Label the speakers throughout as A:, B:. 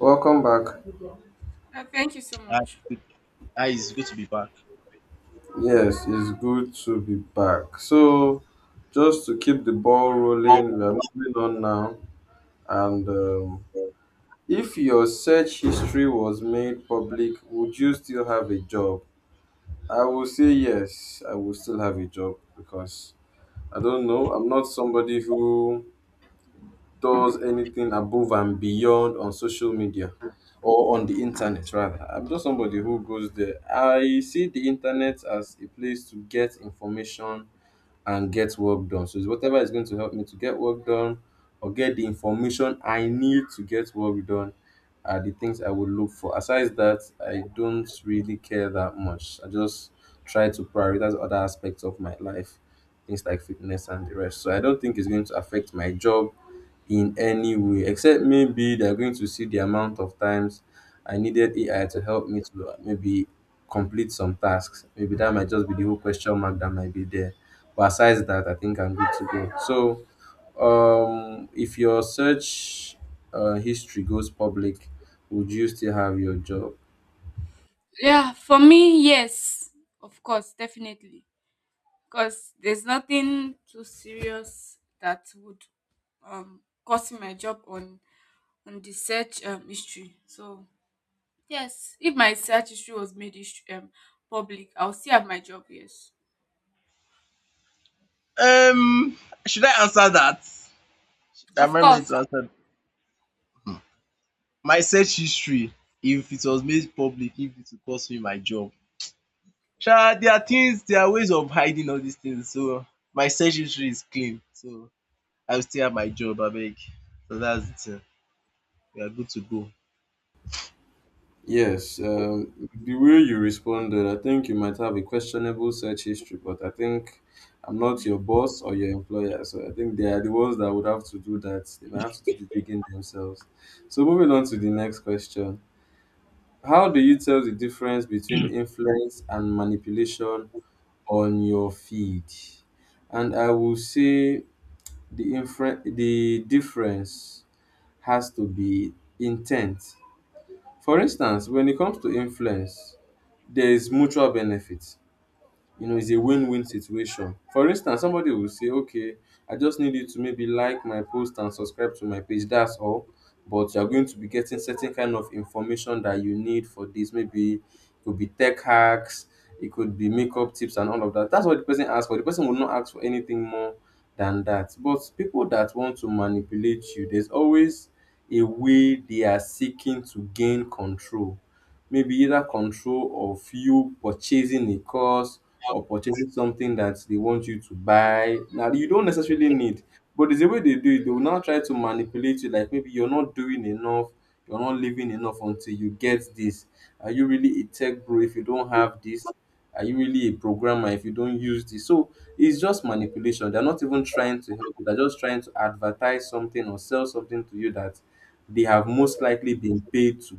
A: Welcome back.
B: Thank you so
C: Hi,
B: much.
C: it's good to be back.
A: Yes, it's good to be back. So, just to keep the ball rolling, we are moving on now. And If your search history was made public, would you still have a job? I will say yes, I will still have a job because I don't know. I'm not somebody who does anything above and beyond on social media or on the internet rather. I'm just somebody who goes there. I see the internet as a place to get information and get work done. So it's whatever is going to help me to get work done or get the information I need to get work done are the things I would look for. Aside that, I don't really care that much. I just try to prioritize other aspects of my life, things like fitness and the rest. So I don't think it's going to affect my job in any way, except maybe they're going to see the amount of times I needed AI to help me to maybe complete some tasks. Maybe that might just be the whole question mark that might be there. But aside that, I think I'm good to go. So, if your search history goes public, would you still have your job?
B: Yeah, for me, yes, of course, definitely. Because there's nothing too serious that would cost me my job on the search history. So yes, if my search history was made public, I'll still have my job. Yes,
C: Um, should I answer that? Should I
B: of
C: Remind me
B: course.
C: to answer my search history, if it was made public, if it would cost me my job. Sha, there are ways of hiding all these things. So my search history is clean. So I will still have my job, abeg. So that's it. Eh. We are good to go.
A: Yes, the way you responded, I think you might have a questionable search history, but I think I'm not your boss or your employer, so I think they are the ones that would have to do that. They might have to do the digging themselves. So, moving on to the next question: how do you tell the difference between influence and manipulation on your feed? And I will say the difference has to be intent. For instance, when it comes to influence, there is mutual benefit. You know, it's a win-win situation. For instance, somebody will say, okay, I just need you to maybe like my post and subscribe to my page. That's all. But you're going to be getting certain kind of information that you need for this. Maybe it could be tech hacks, it could be makeup tips and all of that. That's what the person asks for. The person will not ask for anything more than that. But people that want to manipulate you, there's always a way they are seeking to gain control. Maybe either control of you purchasing a course or purchasing something that they want you to buy now you don't necessarily need, but there's a way they do it. They will now try to manipulate you like, maybe you're not doing enough, you're not living enough until you get this. Are you really a tech bro if you don't have this? Are you really a programmer if you don't use this? So it's just manipulation. They're not even trying to help you, they're just trying to advertise something or sell something to you that they have most likely been paid to.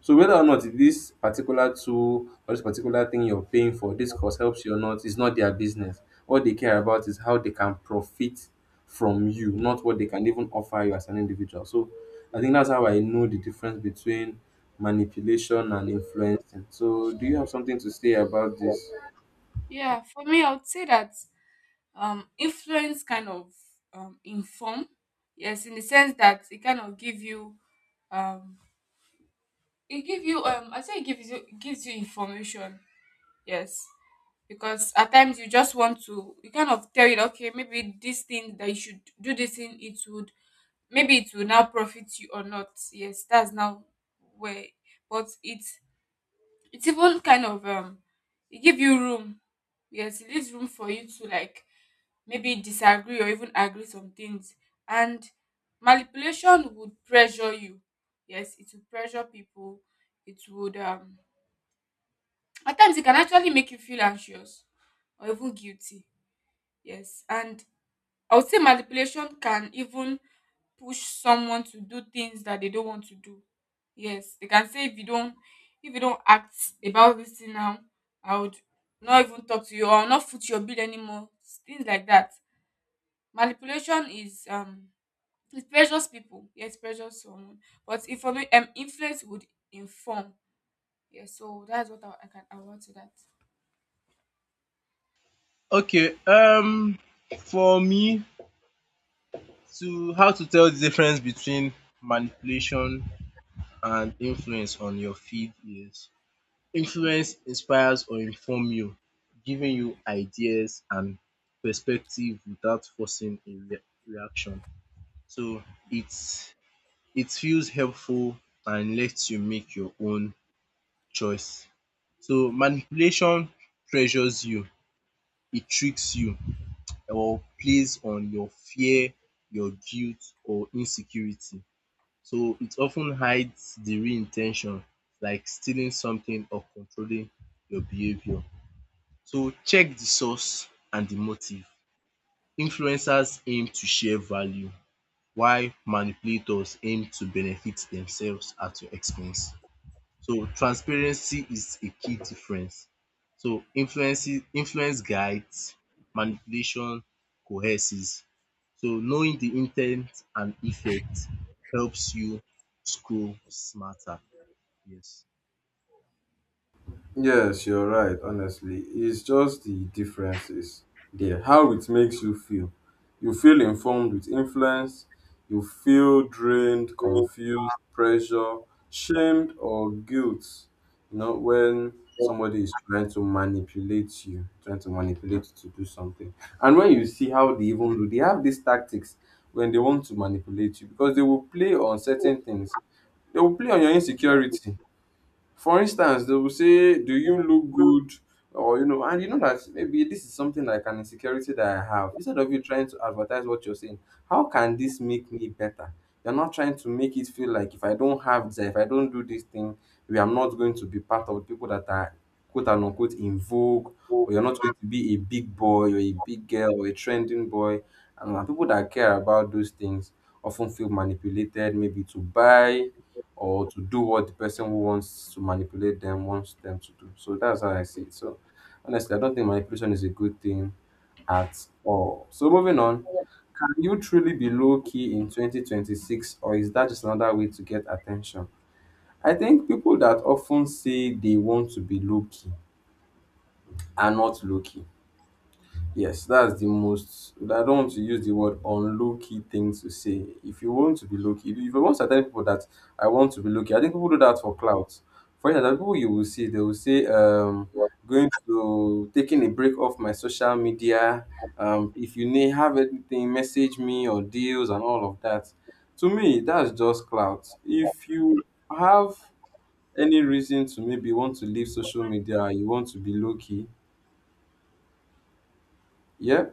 A: So whether or not this particular tool or this particular thing you're paying for, this course helps you or not, is not their business. What they care about is how they can profit from you, not what they can even offer you as an individual. So I think that's how I know the difference between manipulation and influencing. So do you have something to say about this?
B: Yeah, for me, I would say that influence kind of inform. Yes, in the sense that it kind of give you um it give you. It gives you information, yes, because at times you just want to, you kind of tell it, okay, maybe this thing that you should do, this thing, it would, maybe it will now profit you or not. Yes, that's now where, but it's even kind of it give you room. Yes, it leaves room for you to, like, maybe disagree or even agree some things. And manipulation would pressure you. Yes, it would pressure people. It would, at times, it can actually make you feel anxious or even guilty. Yes. And I would say manipulation can even push someone to do things that they don't want to do. Yes. They can say if you don't act about this thing now, I would not even talk to you, or I'll not foot your bill anymore. Things like that. Manipulation is, it pressures people. Yes, pressures someone. But inform influence would inform. Yes, so that's what I want to
C: Okay. For me to how to tell the difference between manipulation and influence on your feed is: influence inspires or inform you, giving you ideas and perspective without forcing a reaction. So it's it feels helpful and lets you make your own choice. So manipulation pressures you, it tricks you or plays on your fear, your guilt or insecurity. So it often hides the real intention, like stealing something or controlling your behavior. So check the source and the motive. Influencers aim to share value while manipulators aim to benefit themselves at your expense. So transparency is a key difference. So influence guides, manipulation coerces. So knowing the intent and effect helps you scroll smarter. Yes.
A: Yes, you're right, honestly. It's just the differences there. How it makes you feel. You feel informed with influence, you feel drained, confused, pressure, shamed, or guilt. You know, when somebody is trying to manipulate you, trying to manipulate you to do something. And when you see how they even do, they have these tactics when they want to manipulate you because they will play on
B: that.
A: certain things. They will play on your insecurity, for instance, they will say, "Do you look good?" Or you know, and you know that maybe this is something like an insecurity that I have. Instead of you trying to advertise what you're saying, how can this make me better? You're not trying to make it feel like if I don't have this, if I don't do this thing, we are not going to be part of the people that are quote and unquote in vogue, or you're not going to be a big boy or a big girl or a trending boy. And People that care about those things often feel manipulated, maybe to buy or to do what the person who wants to manipulate them wants them to do. So that's how I see it. So honestly, I don't think manipulation is a good thing at all. So moving on, can you truly be low key in 2026, or is that just another way to get attention? I think people that often say they want to be low key are not low key. Yes, that's the most. I don't want to use the word on low key thing to say. If you want to be low key, if you want to tell people that I want to be low key, I think people do that for clout. For instance, there are people you will see, they will say, going to taking a break off my social media. If you need have anything, message me or deals and all of that. To me, that's just clout. If you have any reason to maybe want to leave social media, you want to be low key, yeah,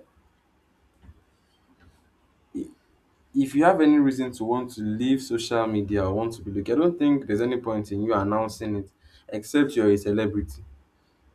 A: if you have any reason to want to leave social media or want to be located, I don't think there's any point in you announcing it except you're a celebrity.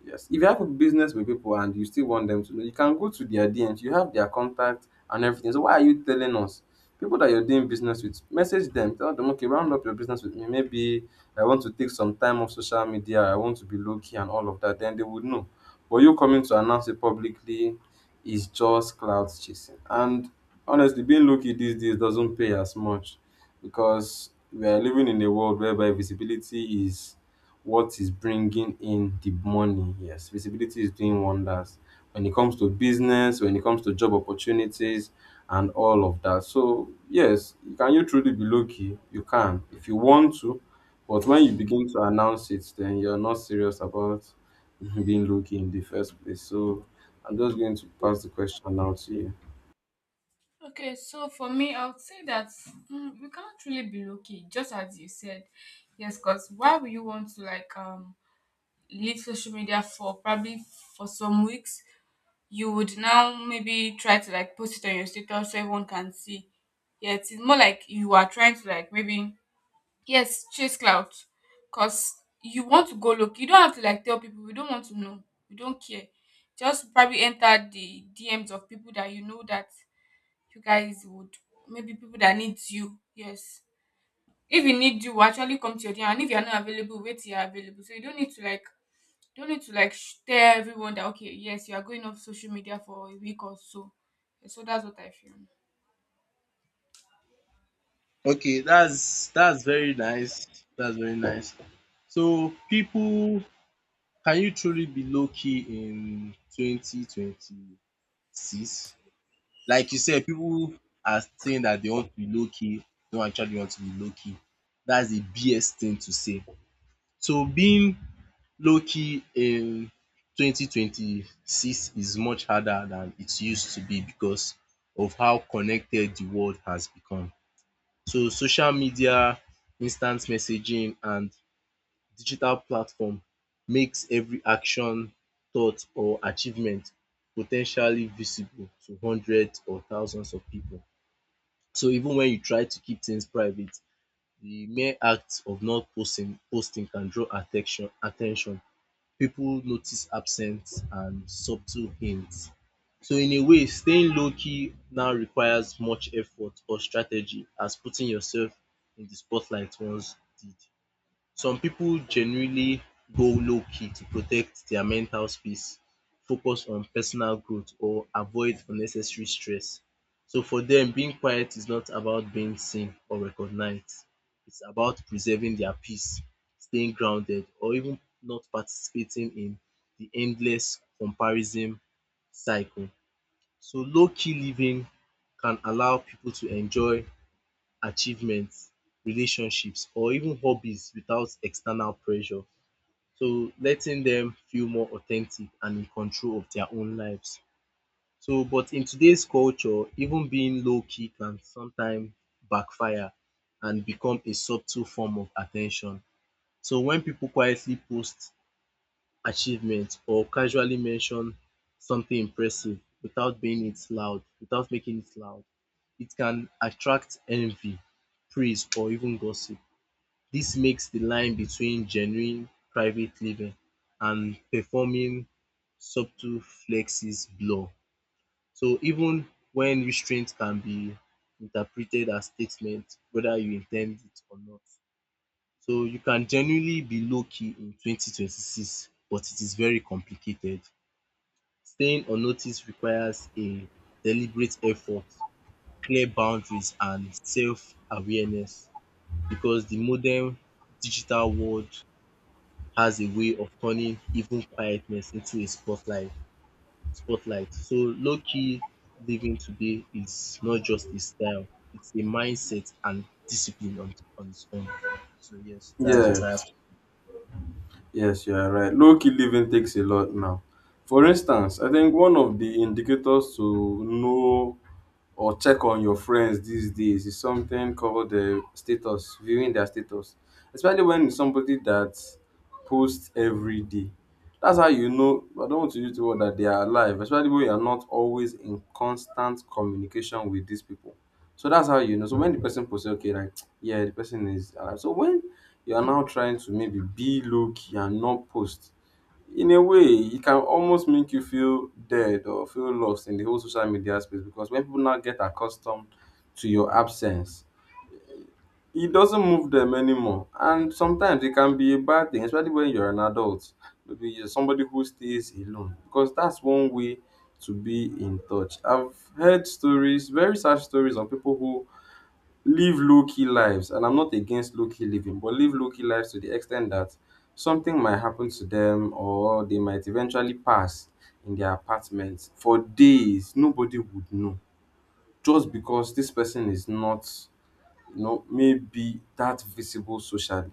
A: Yes. If you have a business with people and you still want them to know, you can go to their DMs. You have their contact and everything. So why are you telling us? People that you're doing business with, message them. Tell them, okay, round up your business with me. Maybe I want to take some time off social media. I want to be low key and all of that. Then they would know. But you coming to announce it publicly is just cloud chasing. And honestly, being low key these days doesn't pay as much because we are living in a world whereby visibility is what is bringing in the money. Yes, visibility is doing wonders when it comes to business, when it comes to job opportunities, and all of that. So, yes, can you truly be lucky? You can if you want to, but when you begin to announce it, then you're not serious about being lucky in the first place. So, I'm just going to pass the question now to you.
B: Okay, so for me, I would say that, we can't really be lucky, just as you said. Yes, because why would you want to, like, leave social media for probably for some weeks? You would now maybe try to, like, post it on your status so everyone can see. Yeah, it's more like you are trying to, like, maybe, yes, chase clout, cause you want to go look. You don't have to, like, tell people. We don't want to know. We don't care. Just probably enter the DMs of people that you know, that you guys would, maybe people that needs you. Yes, if you need, you will actually come to your dinner, and if you're not available, wait till you're available. So you don't need to, like you don't need to like sh- tell everyone that, okay, yes, you are going off social media for a week or so. So that's what I feel.
C: Okay, that's very nice. That's very nice. So people, can you truly be low key in 2026? Like you said, people are saying that they want to be low key, don't actually want to be low key. That's a BS thing to say. So being low key in 2026 is much harder than it used to be, because of how connected the world has become. So social media, instant messaging and digital platform makes every action, thought or achievement po ten tially visible to hundreds or thousands of pipu. So even wen you try to keep things private, the mere act of not posting can draw at ten tion at ten tion. People notice absence and subtle hints. So, in a way, staying low key now requires much effort or strategy as putting yourself in the spotlight once did. Some people genuinely go low key to protect their mental space, focus on personal growth, or avoid unnecessary stress. So for them, being quiet is not about being seen or recognized. It's about preserving their peace, staying grounded, or even not participating in the endless comparison cycle. So low key living can allow people to enjoy achievements, relationships or even hobbies without external pressure, so letting them feel more authentic and in control of their own lives. So but in today's culture, even being low key can sometimes backfire and become a subtle form of attention. So when people quietly post achievement or casually mention something impressive without making it loud, it can attract envy, praise, or even gossip. This makes the line between genuine private living and performing subtle flexes blur. So even when restraint can be interpreted as statement, whether you intend it or not. So you can genuinely be low-key in 2026, but it is very complicated. Staying unnoticed requires a deliberate effort, clear boundaries, and self-awareness because the modern digital world has a way of turning even quietness into a spotlight. Spotlight. So low-key living today is not just a style, it's a mindset and discipline on its own. So yes, that's what I have.
A: Yes, yes, you are right. Low key living takes a lot now. For instance, I think one of the indicators to know or check on your friends these days is something called the status, viewing their status, especially when it's somebody that posts every day. That's how you know, I don't want to use the word that they are alive, especially when you are not always in constant communication with these people. So that's how you know. So when the person posts okay, like yeah, the person is alive. So when you are now trying to maybe be low key and not post, in a way, it can almost make you feel dead or feel lost in the whole social media space, because when people now get accustomed to your absence, it doesn't move them anymore. And sometimes it can be a bad thing, especially when you're an adult. Maybe you're somebody who stays alone, because that's one way to be in touch. I've heard stories, very sad stories, on people who live low-key lives, and I'm not against low-key living, but live low-key lives to the extent that something might happen to them or they might eventually pass in their apartment for days, nobody would know, just because this person is not, you know, maybe that visible socially.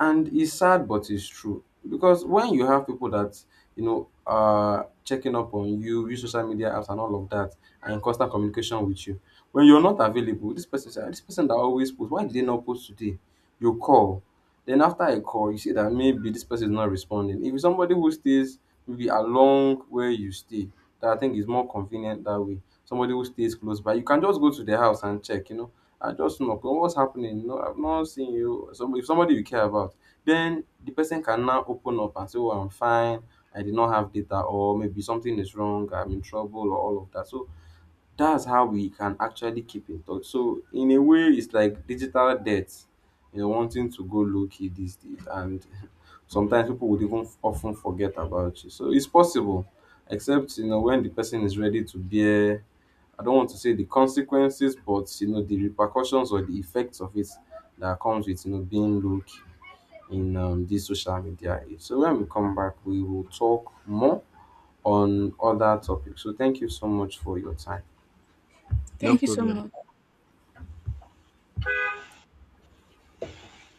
A: And it's sad but it's true, because when you have people that, you know, are checking up on you, use social media apps and all of that, and in constant communication with you, when you're not available this person say, "Ah, this person that always post, why did they not post today?" You call, then after a call you see that maybe this person is not responding. If it's somebody who stays maybe along where you stay, that I think is more convenient. That way somebody who stays close by, you can just go to their house and check, you know, I just knock on what's happening. No, I've not seen you. So if somebody you care about, then the person can now open up and say, oh, I'm fine, I did not have data, or maybe something is wrong, I'm in trouble, or all of that. So that's how we can actually keep in touch. So in a way, it's like digital debt. You know, wanting to go low key these days, and sometimes people would even often forget about you. So it's possible, except you know when the person is ready to bear, I don't want to say the consequences, but you know the repercussions or the effects of it that comes with, you know, being low key in this social media age. So when we come back, we will talk more on other topics. So thank you so much for your time.
C: No
B: Thank you so
C: problem.
B: much.